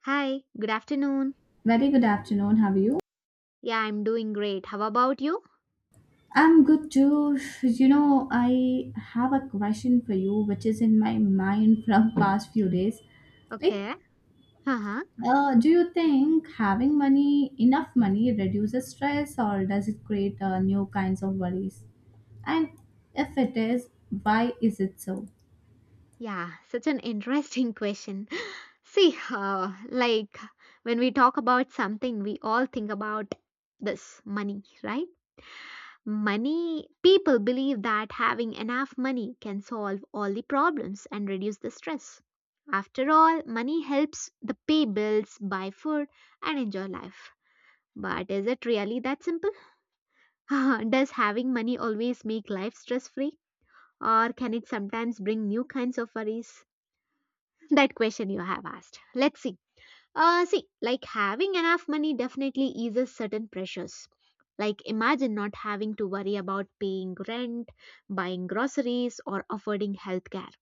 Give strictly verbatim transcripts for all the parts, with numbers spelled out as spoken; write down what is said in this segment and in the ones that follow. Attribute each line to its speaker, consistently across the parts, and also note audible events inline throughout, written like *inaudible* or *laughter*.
Speaker 1: Hi, good afternoon.
Speaker 2: Very good afternoon. How are you?
Speaker 1: Yeah, I'm doing great. How about you?
Speaker 2: I'm good too. You know, I have a question for you, which is in my mind *laughs* from past few days. Like,
Speaker 1: Okay. Uh-huh.
Speaker 2: uh, do you think having money, enough money, reduces stress, or does it create uh, new kinds of worries? And if it is, why is it so?
Speaker 1: Yeah, such an interesting question. *laughs* See, uh, like when we talk about something, we all think about this money, right? Money, people believe that having enough money can solve all the problems and reduce the stress. After all, money helps the pay bills, buy food, and enjoy life. But is it really that simple? *laughs* Does having money always make life stress free? Or can it sometimes bring new kinds of worries? *laughs* That question you have asked. Let's see. Uh, see, like having enough money definitely eases certain pressures. Like imagine not having to worry about paying rent, buying groceries, or affording healthcare.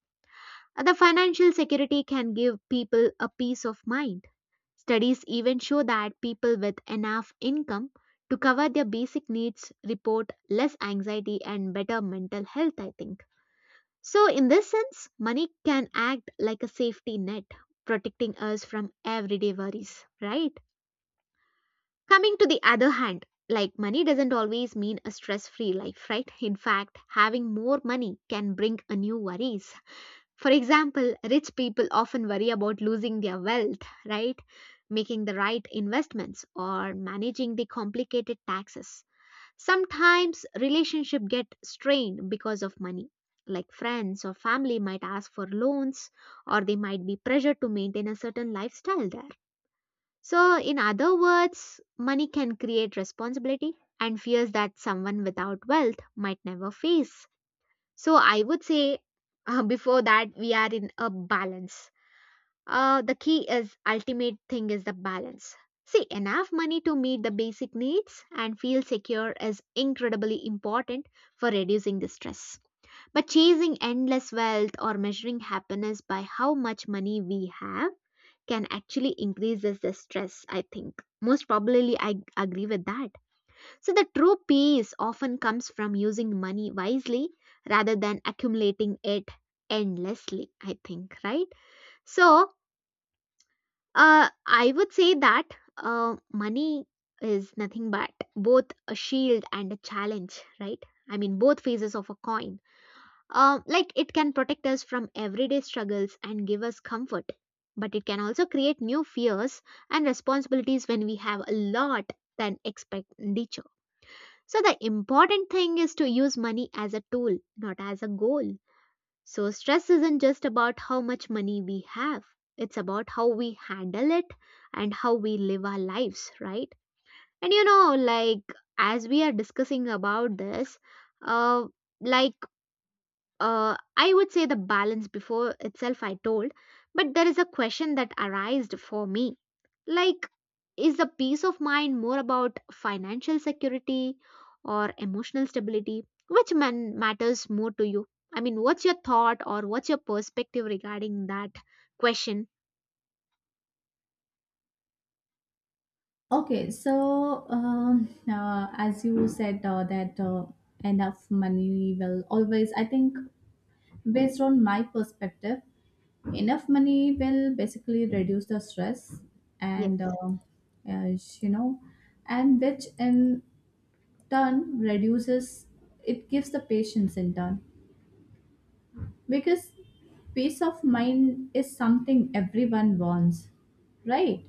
Speaker 1: Uh, The financial security can give people a peace of mind. Studies even show that people with enough income to cover their basic needs report less anxiety and better mental health, I think. So, in this sense, money can act like a safety net, protecting us from everyday worries, right? Coming to the other hand, like money doesn't always mean a stress free life, right? In fact, having more money can bring a new worries. For example, rich people often worry about losing their wealth, right? Making the right investments or managing the complicated taxes. Sometimes relationships get strained because of money. Like friends or family might ask for loans or they might be pressured to maintain a certain lifestyle there. So, in other words, money can create responsibility and fears that someone without wealth might never face. So, I would say, *laughs* uh, before that, we are in a balance, uh, the key is ultimate thing is the balance. See, enough money to meet the basic needs and feel secure is incredibly important for reducing the stress. But chasing endless wealth or measuring happiness by how much money we have can actually increases the stress, I think. Most probably, I agree with that. So, the true peace often comes from using money wisely rather than accumulating it endlessly, I think, right? So, uh, I would say that uh, money is nothing but both a shield and a challenge, right? I mean, both phases of a coin. Uh, like, it can protect us from everyday struggles and give us comfort, but it can also create new fears and responsibilities when we have a lot than expenditure. So, the important thing is to use money as a tool, not as a goal. So, stress isn't just about how much money we have, it's about how we handle it and how we live our lives, right? And you know, like as we are discussing about this, uh, like uh, I would say the balance before itself, I told, but there is a question that arised for me. Like, is the peace of mind more about financial security or emotional stability? Which man matters more to you? I mean, what's your thought or what's your perspective regarding that question?
Speaker 2: Okay, so um, uh, as you said uh, that uh, enough money will always, I think Based on my perspective, enough money will basically reduce the stress
Speaker 1: Yes.
Speaker 2: and uh, as you know and which in turn reduces it gives the patience in turn because peace of mind is something everyone wants, right?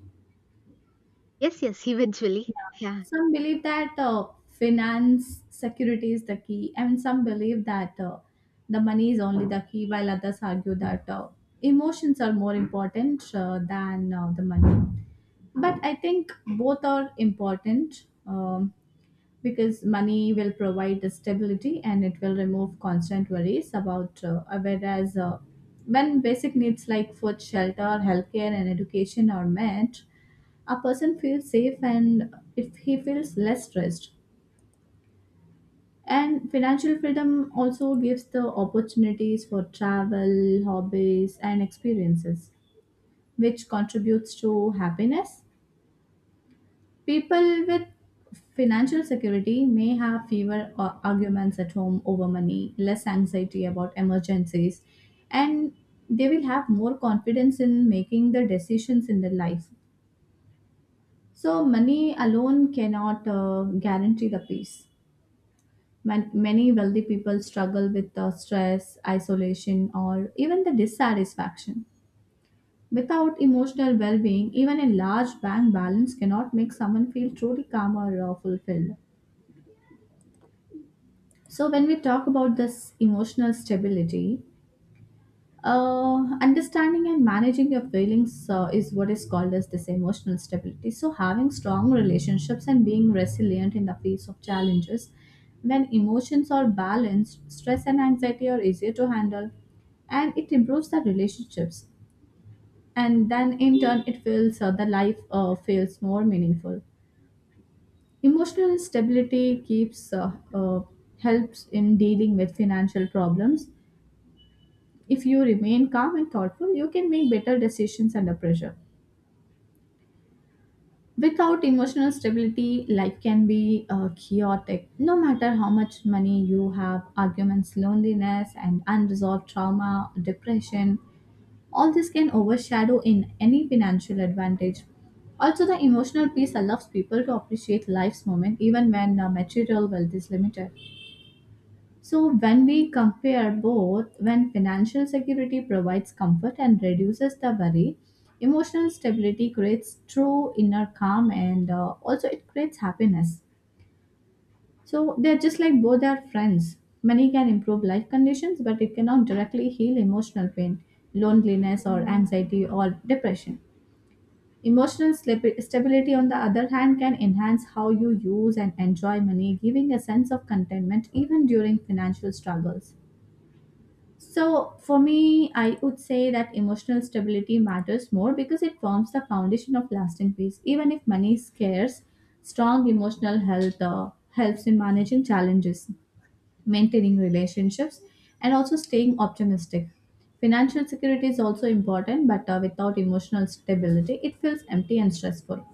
Speaker 1: Yes, yes, *laughs* eventually. Yeah.
Speaker 2: Some believe that uh, finance security is the key, and some believe that uh, the money is only the key, while others argue that uh, emotions are more important uh, than uh, the money. But I think both are important, um, because money will provide the stability and it will remove constant worries about, uh, whereas uh, when basic needs like food, shelter, healthcare, and education are met, a person feels safe, and if he feels less stressed and financial freedom also gives the opportunities for travel, hobbies and experiences which contributes to happiness. People with financial security may have fewer uh, arguments at home over money, less anxiety about emergencies, and they will have more confidence in making the decisions in their life. So money alone cannot uh, guarantee the peace. Man- many wealthy people struggle with the stress, isolation, or even the dissatisfaction. Without emotional well being, even a large bank balance cannot make someone feel truly calm or uh, fulfilled. So, when we talk about this emotional stability, uh, understanding and managing your feelings uh, is what is called as this emotional stability, so having strong relationships and being resilient in the face of challenges. When emotions are balanced, stress and anxiety are easier to handle, and it improves the relationships, and then in turn it feels uh, the life uh, feels more meaningful. Emotional stability keeps uh, uh, helps in dealing with financial problems. If you remain calm and thoughtful, you can make better decisions under pressure. Without emotional stability, life can be uh, chaotic. No matter how much money you have, arguments, loneliness, and unresolved trauma, depression, all this can overshadow in any financial advantage. Also, the emotional piece allows people to appreciate life's moment even when uh, material wealth is limited. So, when we compare both, when financial security provides comfort and reduces the worry, emotional stability creates true inner calm and uh, also it creates happiness. So, they're just like both are friends. Money can improve life conditions, but it cannot directly heal emotional pain, loneliness, or anxiety or depression. Emotional slip- stability, on the other hand, can enhance how you use and enjoy money, giving a sense of contentment even during financial struggles. So, for me, I would say that emotional stability matters more because it forms the foundation of lasting peace. Even if money is scarce, strong emotional health uh, helps in managing challenges, maintaining relationships, and also staying optimistic. Financial security is also important, but uh, without emotional stability, it feels empty and stressful.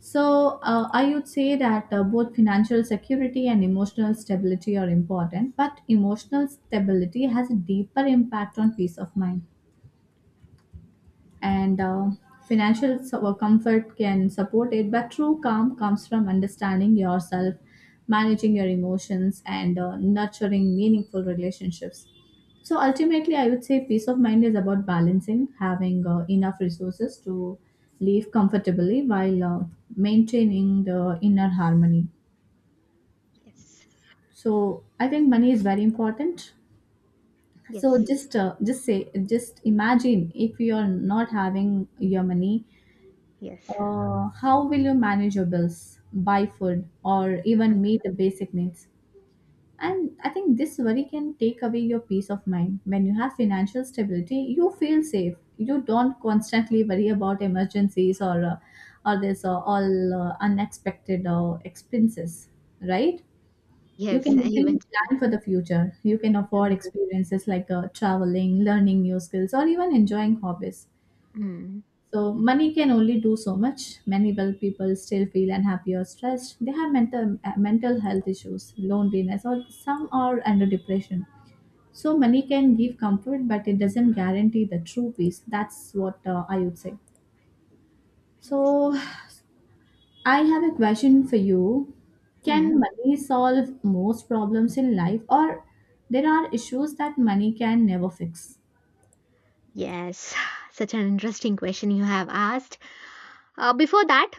Speaker 2: So, uh, I would say that uh, both financial security and emotional stability are important, but emotional stability has a deeper impact on peace of mind, and uh, financial so- comfort can support it, but true calm comes from understanding yourself, managing your emotions, and uh, nurturing meaningful relationships. So ultimately I would say peace of mind is about balancing having uh, enough resources to live comfortably while uh, maintaining the inner harmony.
Speaker 1: Yes.
Speaker 2: So I think money is very important. So
Speaker 1: Yes.
Speaker 2: just uh, just say just imagine if you are not having your money.
Speaker 1: Yes.
Speaker 2: Uh, how will you manage your bills, buy food, or
Speaker 1: Mm.
Speaker 2: even meet the basic needs? And I think this worry can take away your peace of mind. When you have financial stability, you feel safe. You don't constantly worry about emergencies, or uh, or this uh, all uh, unexpected uh, expenses, right? You
Speaker 1: Yes, *laughs*
Speaker 2: can easily
Speaker 1: eventually.
Speaker 2: plan for the future. You can afford
Speaker 1: Mhm.
Speaker 2: experiences like uh, traveling, learning new skills, or even enjoying hobbies.
Speaker 1: Mm.
Speaker 2: So money can only do so much. Many well people still feel unhappy or stressed. They have mental uh, mental health issues, loneliness, or some are under depression. So money can give comfort, but it doesn't guarantee the true peace. That's what uh, I would say.
Speaker 1: Yes.
Speaker 2: So I have a question for you.
Speaker 1: Mm.
Speaker 2: Can money solve most problems in life, or there are issues that money can never fix?
Speaker 1: Yes, *sighs* such an interesting question you have asked. Uh, before that,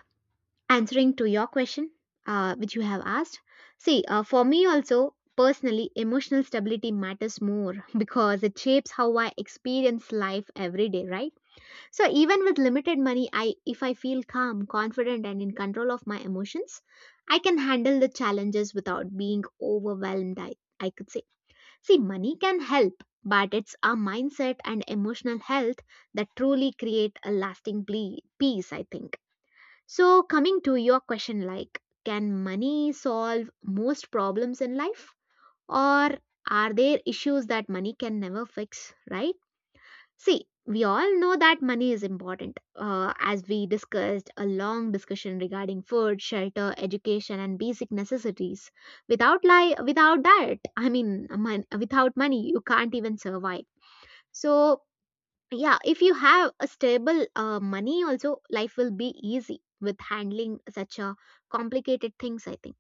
Speaker 1: answering to your question, uh, which you have asked, see, uh, for me also, personally, emotional stability matters more *laughs* because it shapes how I experience life every day, right? So even with limited money, I if I feel calm, confident, and in control of my emotions, I can handle the challenges without being overwhelmed. I I could say. See, money can help, but it's our mindset and emotional health that truly create a lasting ple- peace, I think. So, coming to your question like, can money solve most problems in life? Or are there issues that money can never fix, right? See, we all know that money is important, uh, as we discussed a long discussion regarding food, shelter, education, and basic necessities. Without li- without that, I mean, mon- without money, you can't even survive. So, yeah, if you have a stable uh, money, also life will be easy with handling such a complicated things, I think.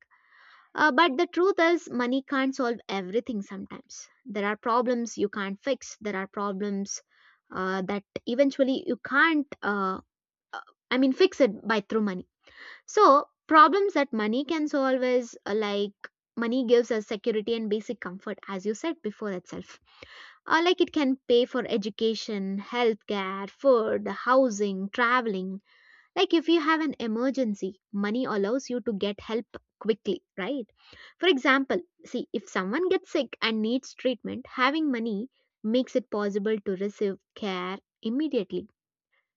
Speaker 1: Uh, but the truth is, money can't solve everything sometimes. There are problems you can't fix. There are problems uh, that eventually you can't, uh, I mean, fix it by through money. So, problems that money can solve is uh, like money gives us security and basic comfort, as you said before itself. Uh, like it can pay for education, healthcare, food, housing, traveling, like if you have an emergency, money allows you to get help quickly, right? For example, see, if someone gets sick and needs treatment, having money makes it possible to receive care immediately.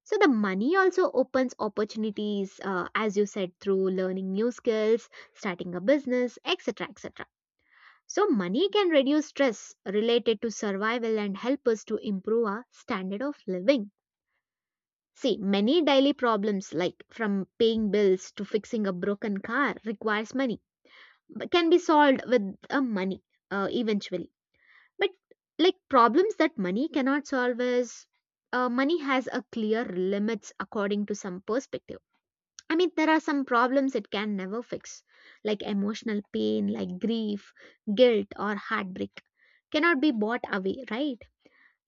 Speaker 1: So the money also opens opportunities, uh, as you said, through learning new skills, starting a business, et cetera et cetera. So money can reduce stress related to survival and help us to improve our standard of living. See, many daily problems like from paying bills to fixing a broken car requires money, but can be solved with a money uh, eventually. But like problems that money cannot solve is, uh, money has a clear limits according to some perspective. I mean, there are some problems it can never fix, like emotional pain, like grief, guilt, or heartbreak, cannot be bought away, right?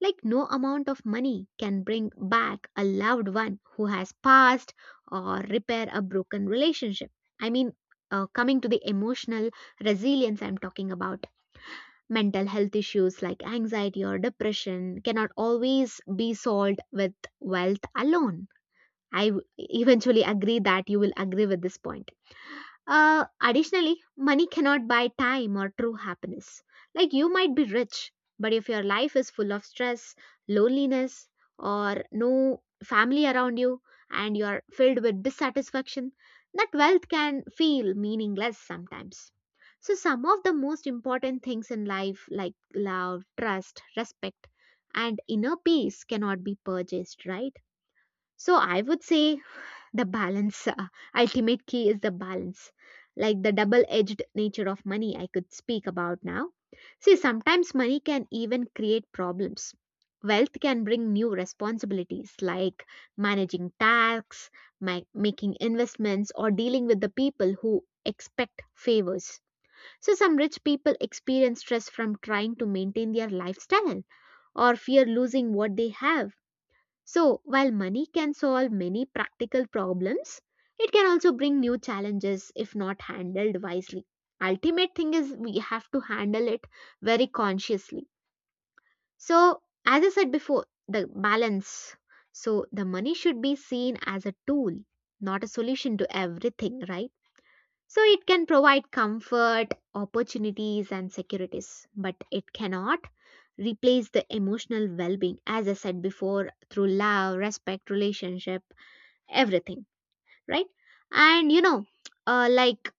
Speaker 1: Like, no amount of money can bring back a loved one who has passed or repair a broken relationship. I mean, uh, coming to the emotional resilience I'm talking about, mental health issues like anxiety or depression cannot always be solved with wealth alone. I w- eventually agree that you will agree with this point. Uh, additionally, money cannot buy time or true happiness. Like you might be rich, but if your life is full of stress, loneliness, or no family around you, and you are filled with dissatisfaction, that wealth can feel meaningless sometimes. So, some of the most important things in life, like love, trust, respect, and inner peace, cannot be purchased, right? So, I would say the balance, uh, ultimate key is the balance. Like the double edged nature of money, I could speak about now. See, sometimes money can even create problems. Wealth can bring new responsibilities like managing tax, ma- making investments, or dealing with the people who expect favors. So, some rich people experience stress from trying to maintain their lifestyle or fear losing what they have. So, while money can solve many practical problems, it can also bring new challenges if not handled wisely. Ultimate thing is we have to handle it very consciously. So, as I said before, the balance. So, the money should be seen as a tool, not a solution to everything, right? So it can provide comfort, opportunities, and securities, but it cannot replace the emotional well being, as I said before, through love, respect, relationship, everything, right? And you know, uh, like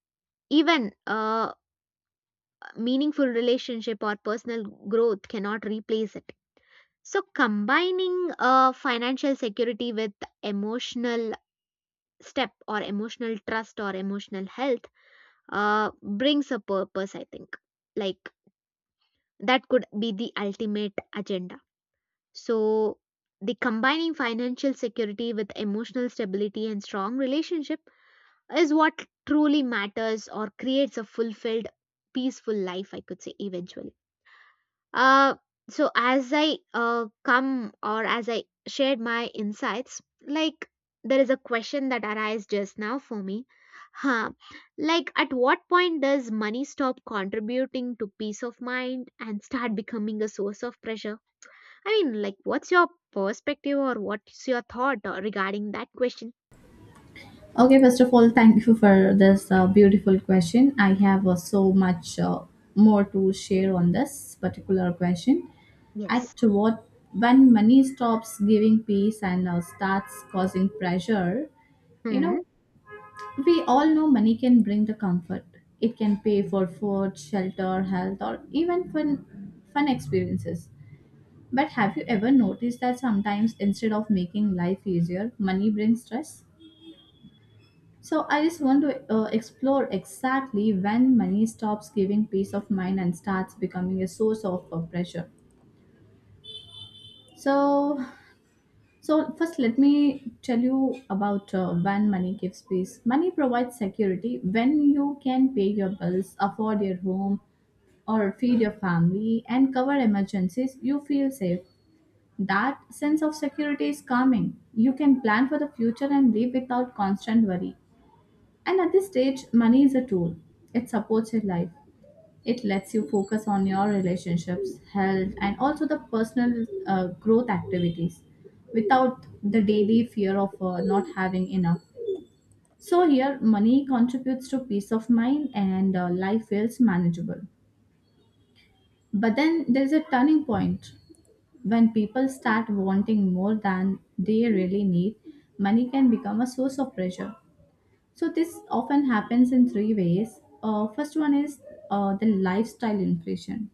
Speaker 1: even uh, meaningful relationship or personal growth cannot replace it. So combining uh, financial security with emotional step or emotional trust or emotional health uh, brings a purpose, I think. Like that could be the ultimate agenda. So, the combining financial security with emotional stability and strong relationship is what truly matters or creates a fulfilled, peaceful life, I could say, eventually. Uh, so as I uh, come or as I shared my insights, like there is a question that arise just now for me. Huh. Like at what point does money stop contributing to peace of mind and start becoming a source of pressure? I mean, like what's your perspective or what's your thought uh, regarding that question?
Speaker 2: Okay, first of all, thank you for this uh, beautiful question. I have uh, so much uh, more to share on this particular question. At
Speaker 1: Yes.
Speaker 2: what When money stops giving peace and uh, starts causing pressure, you
Speaker 1: Hmm.
Speaker 2: know, we all know money can bring the comfort. It can pay for food, shelter, health, or even fun, fun experiences. But have you ever noticed that sometimes instead of making life easier, money brings stress? So I just want to uh, explore exactly when money stops giving peace of mind and starts becoming a source of uh, pressure. So, so first let me tell you about uh, when money gives peace. Money provides security when you can pay your bills, afford your home, or feed your family and cover emergencies. You feel safe. That sense of security is calming. You can plan for the future and live without constant worry. And at this stage, money is a tool. It supports your life. It lets you focus on your relationships, health, and also the personal uh, growth activities without the daily fear of uh, not having enough. So, here, money contributes to peace of mind and uh, life feels manageable. But then there's a turning point when people start wanting more than they really need, money can become a source of pressure. So this often happens in three ways. Uh, first one is uh, the lifestyle inflation.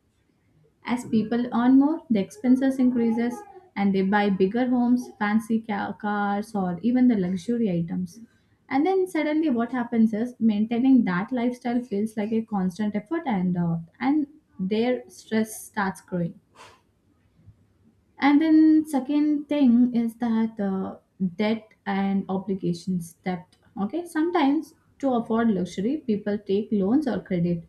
Speaker 2: As people earn more, the expenses increases and they buy bigger homes, fancy ca- cars or even the luxury items. And then suddenly what happens is maintaining that lifestyle feels like a constant effort, and uh, and their stress starts growing. And then second thing is that uh, debt and obligations debt. Okay, sometimes to afford luxury, people take loans or credit.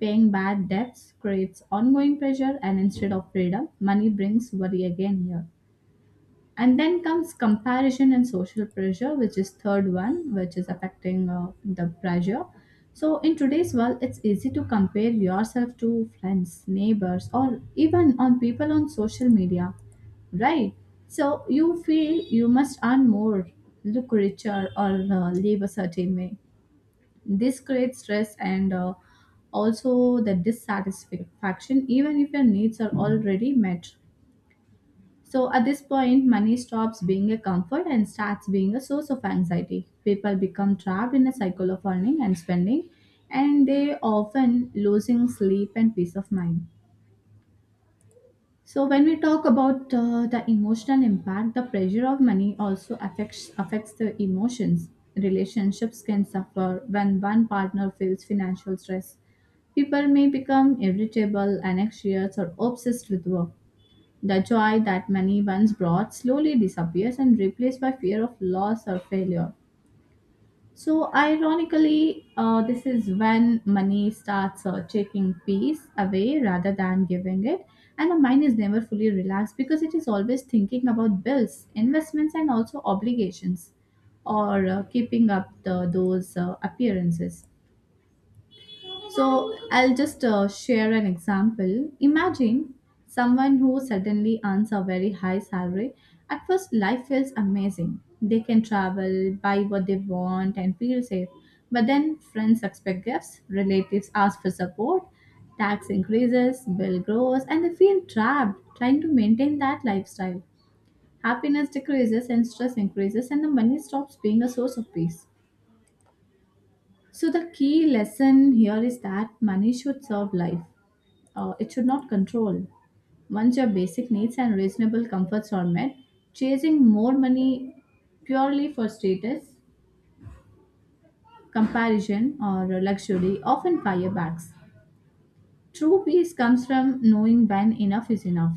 Speaker 2: Paying bad debts creates ongoing pressure, and instead of freedom, money brings worry again here. And then comes comparison and social pressure, which is third one, which is affecting uh, the pressure. So in today's world, it's easy to compare yourself to friends, neighbors, or even on people on social media, right. So you feel you must earn more, look richer, or uh, live a certain way. This creates stress and uh, also the dissatisfaction, even if your needs are already met. So at this point, money stops being a comfort and starts being a source of anxiety. People become trapped in a cycle of earning and spending, and they often losing sleep and peace of mind. So when we talk about uh, the emotional impact, the pressure of money also affects affects the emotions. Relationships can suffer when one partner feels financial stress. People may become irritable, anxious, or obsessed with work. The joy that money once brought slowly disappears and replaced by fear of loss or failure. So, ironically, uh, this is when money starts uh, taking peace away rather than giving it. And the mind is never fully relaxed because it is always thinking about bills, investments, and also obligations, or uh, keeping up the, those uh, appearances. So I'll just uh, share an example. Imagine someone who suddenly earns a very high salary. At first, life feels amazing. They can travel, buy what they want, and feel safe. But then friends expect gifts, relatives ask for support, tax increases, bill grows, and they feel trapped trying to maintain that lifestyle. Happiness decreases and stress increases, and the money stops being a source of peace. So, the key lesson here is that money should serve life, uh, it should not control. Once your basic needs and reasonable comforts are met, chasing more money purely for status, comparison, or luxury often firebacks. True peace comes from knowing when enough is enough.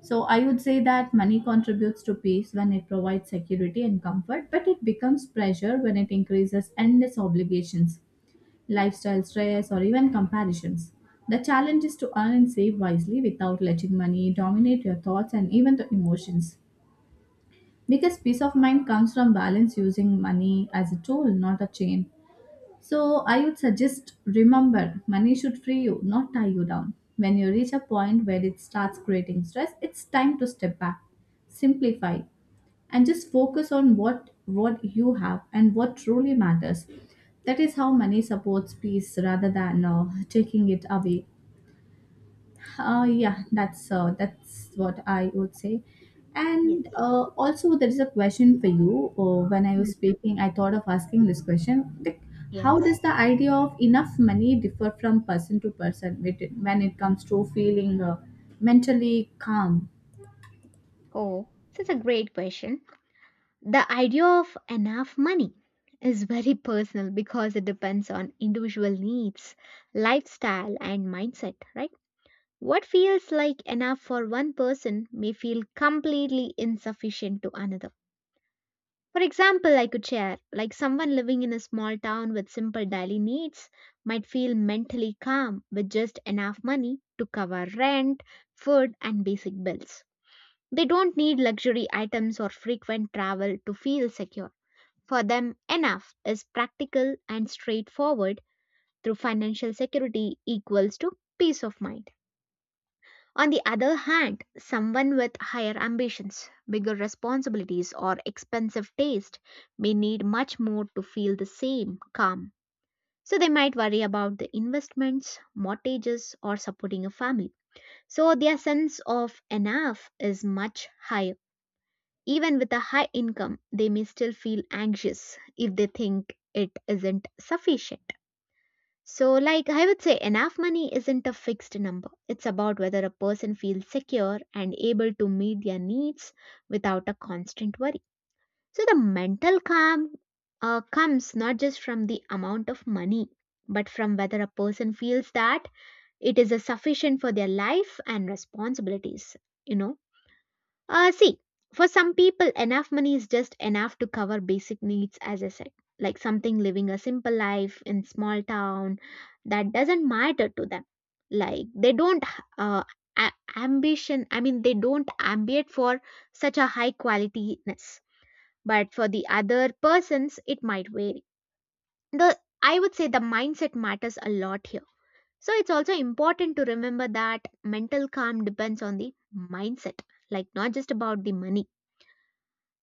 Speaker 2: So, I would say that money contributes to peace when it provides security and comfort, but it becomes pressure when it increases endless obligations, lifestyle stress, or even comparisons. The challenge is to earn and save wisely without letting money dominate your thoughts and even the emotions. Because peace of mind comes from balance using money as a tool, not a chain. So I would suggest remember money should free you, not tie you down. When you reach a point where it starts creating stress, it's time to step back, simplify, and just focus on what what you have and what truly matters That is how money supports peace rather than uh, taking it away uh, yeah that's uh, that's what I would say.
Speaker 1: Yes.
Speaker 2: And uh, also, there is a question for you. Uh, when I was
Speaker 1: Hmm.
Speaker 2: speaking, I thought of asking this question, like how
Speaker 1: Yes.
Speaker 2: does the idea of enough money differ from person to person with it- when it comes to feeling uh, mentally calm.
Speaker 1: Oh, that's a great question. The idea of enough money is very personal because it depends on individual needs, lifestyle, and mindset, right? What feels like enough for one person may feel completely insufficient to another. For example, I could share like someone living in a small town with simple daily needs might feel mentally calm with just enough money to cover rent, food, and basic bills. They don't need luxury items or frequent travel to feel secure. For them, enough is practical and straightforward through financial security equals to peace of mind. On the other hand, someone with higher ambitions, bigger responsibilities, or expensive taste may need much more to feel the same calm. So they might worry about the investments, mortgages, or supporting a family. So their sense of enough is much higher. Even with a high income, they may still feel anxious if they think it isn't sufficient. So, like I would say, enough money isn't a fixed number. It's about whether a person feels secure and able to meet their needs without a constant worry. So, the mental calm uh, comes not just from the amount of money, but from whether a person feels that it is a sufficient for their life and responsibilities. You know uh, see, for some people, enough money is just enough to cover basic needs, as I said, like something living a simple life in small town that doesn't matter to them. Like they don't uh, a- ambition. I mean, they don't ambient for such a high qualityness. But for the other persons, it might vary. The I would say the mindset matters a lot here. So it's also important to remember that mental calm depends on the mindset, like not just about the money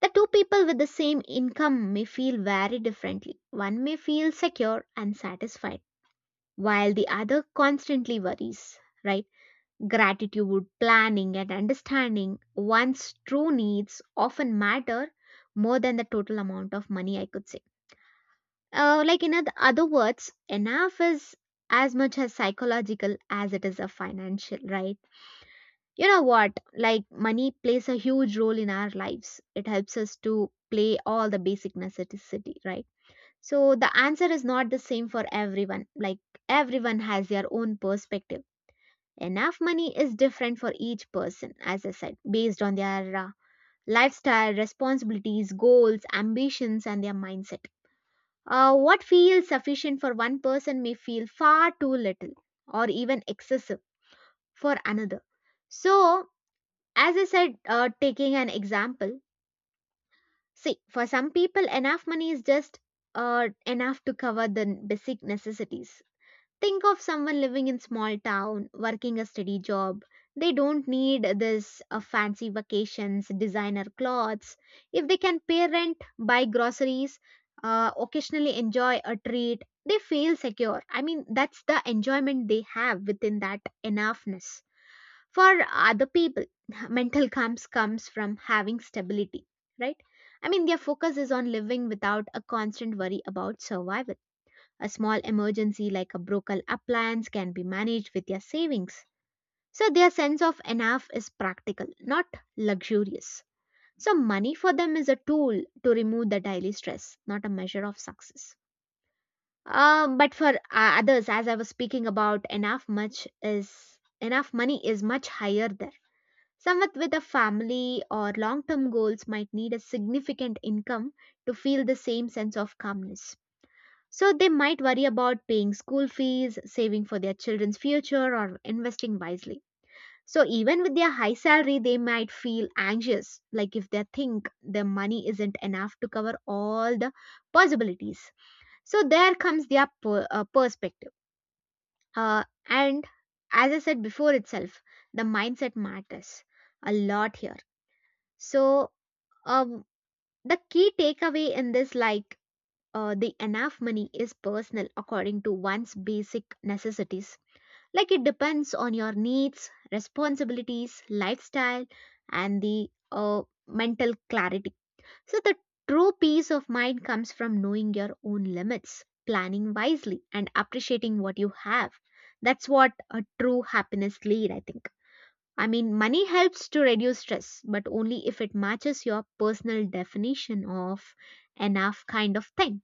Speaker 1: the two people with the same income may feel very differently. One may feel secure and satisfied, while the other constantly worries, right? Gratitude, planning, and understanding one's true needs often matter more than the total amount of money, I could say. Uh, like, in oth- other words, enough is as much as psychological as it is a financial, right? You know what? Like, money plays a huge role in our lives. It helps us to play all the basic necessity, right? So, the answer is not the same for everyone. Like, everyone has their own perspective. Enough money is different for each person, as I said, based on their uh, lifestyle, responsibilities, goals, ambitions, and their mindset. Uh, what feels sufficient for one person may feel far too little or even excessive for another. So, as I said, uh, taking an example, see, for some people, enough money is just uh, enough to cover the n- basic necessities. Think of someone living in small town, working a steady job. They don't need this uh, fancy vacations, designer clothes. If they can pay rent, buy groceries, uh, occasionally enjoy a treat, they feel secure. I mean, that's the enjoyment they have within that enoughness for other people *laughs* mental calm comes from having stability, right? I mean, their focus is on living without a constant worry about survival. A small emergency like a broken appliance can be managed with their savings. So their sense of enough is practical, not luxurious. So money for them is a tool to remove the daily stress, not a measure of success. Um, but for uh, others, as I was speaking about enough much is enough money is much higher there. Someone with a family or long term goals might need a significant income to feel the same sense of calmness. So they might worry about paying school fees, saving for their children's future, or investing wisely. So even with their high salary, they might feel anxious, like if they think their money isn't enough to cover all the possibilities. So there comes their per- uh, perspective. Uh, and as I said before itself, the mindset matters a lot here. So um, the key takeaway in this, like uh, the enough money is personal according to one's basic necessities. Like it depends on your needs, responsibilities, lifestyle, and the uh, mental clarity. So the true peace of mind comes from knowing your own limits, planning wisely, and appreciating what you have. That's what a true happiness lead, I think. I mean, money helps to reduce stress, but only if it matches your personal definition of enough kind of thing.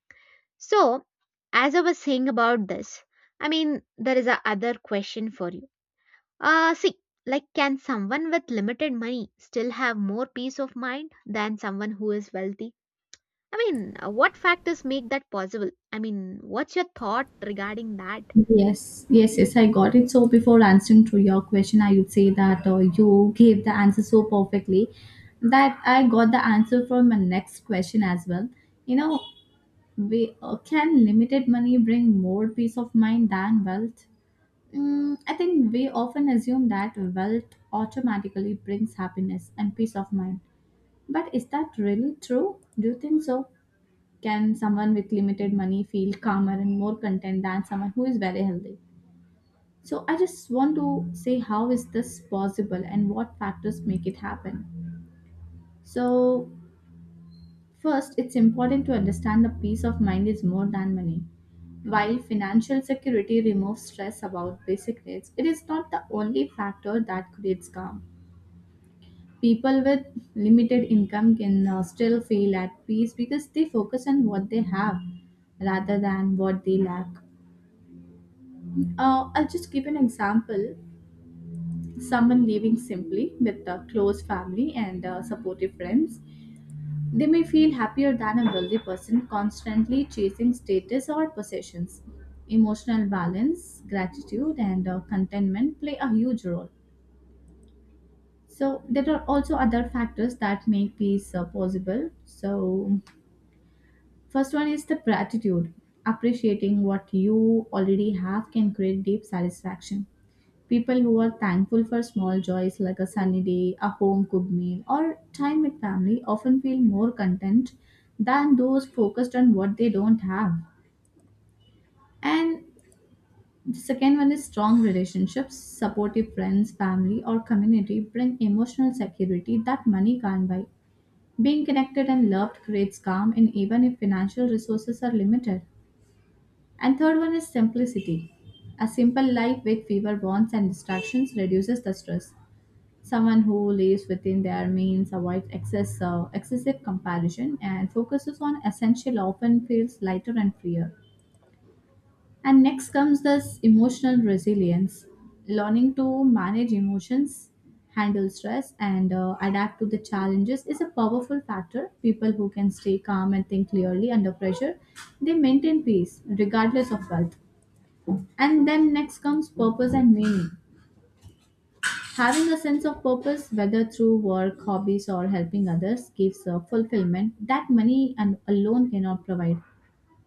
Speaker 1: So, as I was saying about this, I mean, there is a other question for you. Uh, see, like, can someone with limited money still have more peace of mind than someone who is wealthy? I mean, uh, what factors make that possible? I mean, what's your thought regarding that?
Speaker 2: Yes, yes, yes, I got it. So before answering to your question, I would say that uh, you gave the answer so perfectly that I got the answer from my next question as well. You know, we, uh, can limited money bring more peace of mind than wealth? Mm, I think we often assume that wealth automatically brings happiness and peace of mind. But is that really true? Do you think so? Can someone with limited money feel calmer and more content than someone who is very healthy? So I just want to say how is this possible and what factors make it happen. So first, it's important to understand that peace of mind is more than money. While financial security removes stress about basic needs, it is not the only factor that creates calm. People with limited income can uh, still feel at peace because they focus on what they have rather than what they lack. Uh, I'll just give an example. Someone living simply with a close family and uh, supportive friends, they may feel happier than a wealthy person constantly chasing status or possessions. Emotional balance, gratitude, and uh, contentment play a huge role. So, there are also other factors that make peace uh, possible. So, first one is the gratitude. Appreciating what you already have can create deep satisfaction. People who are thankful for small joys like a sunny day, a home cooked meal, or time with family often feel more content than those focused on what they don't have. And the second one is strong relationships, supportive friends, family, or community bring emotional security that money can't buy. Being connected and loved creates calm, and even if financial resources are limited. And third one is simplicity. A simple life with fewer wants and distractions reduces the stress. Someone who lives within their means avoids excess, uh, excessive comparison and focuses on essential often feels lighter and freer. And next comes this emotional resilience, learning to manage emotions, handle stress, and uh, adapt to the challenges is a powerful factor. People who can stay calm and think clearly under pressure, they maintain peace regardless of wealth. And then next comes purpose and meaning. Having a sense of purpose, whether through work, hobbies, or helping others, gives a fulfillment that money and alone cannot provide.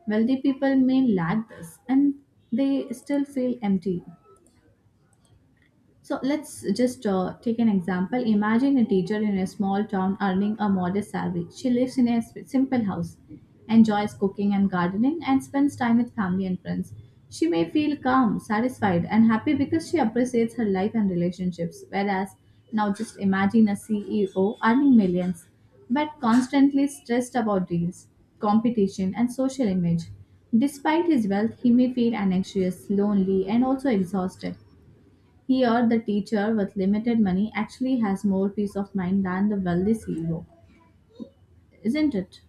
Speaker 2: Wealthy people may lack this and they still feel empty. So let's just uh, take an example. Imagine a teacher in a small town earning a modest salary. She lives in a s- simple house, enjoys cooking and gardening, and spends time with family and friends. She may feel calm, satisfied, and happy because she appreciates her life and relationships. Whereas now, just imagine a C E O earning millions, but constantly stressed about deals, competition, and social image. Despite his wealth, he may feel anxious, lonely, and also exhausted. Here, the teacher with limited money actually has more peace of mind than the wealthy C E O, isn't it?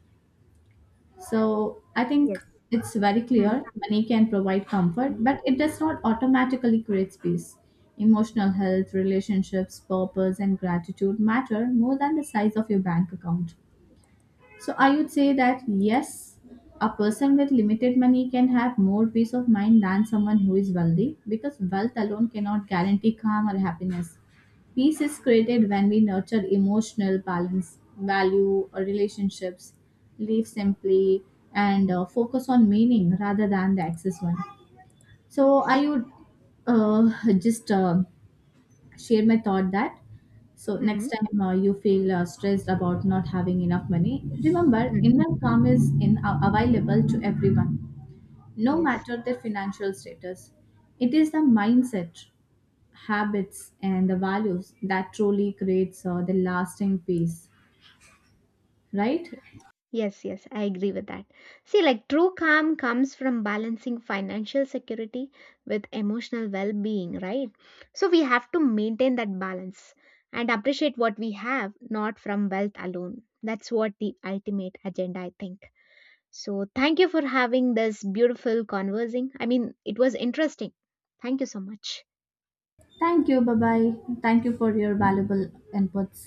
Speaker 2: So, I think
Speaker 1: Yes.
Speaker 2: it's very
Speaker 1: Hmm.
Speaker 2: clear money can provide comfort, but it does not automatically create peace. Emotional health, relationships, purpose, and gratitude matter more than the size of your bank account. So, I would say that yes, a person with limited money can have more peace of mind than someone who is wealthy because wealth alone cannot guarantee calm or happiness. Peace is created when we nurture emotional balance, value our relationships, live simply, and uh, focus on meaning rather than the excess one. So
Speaker 1: Yes.
Speaker 2: I would uh, just uh, share my thought that so next
Speaker 1: Hmm.
Speaker 2: time uh, you feel uh, stressed about not having enough money, remember
Speaker 1: Hmm.
Speaker 2: inner calm is in uh, available to everyone, no
Speaker 1: Yes.
Speaker 2: matter their financial status. It is the mindset, habits and the values that truly creates uh, the lasting peace, right?
Speaker 1: Yes, yes, yes, I agree with that. See, like true calm comes from balancing financial security with emotional well being, right? So we have to maintain that balance and appreciate what we have, not from wealth alone. That's what the ultimate agenda, I think. So thank you for having this beautiful conversing. I mean, it was interesting. Thank you so much.
Speaker 2: Thank you, bye bye. Thank you for your valuable inputs.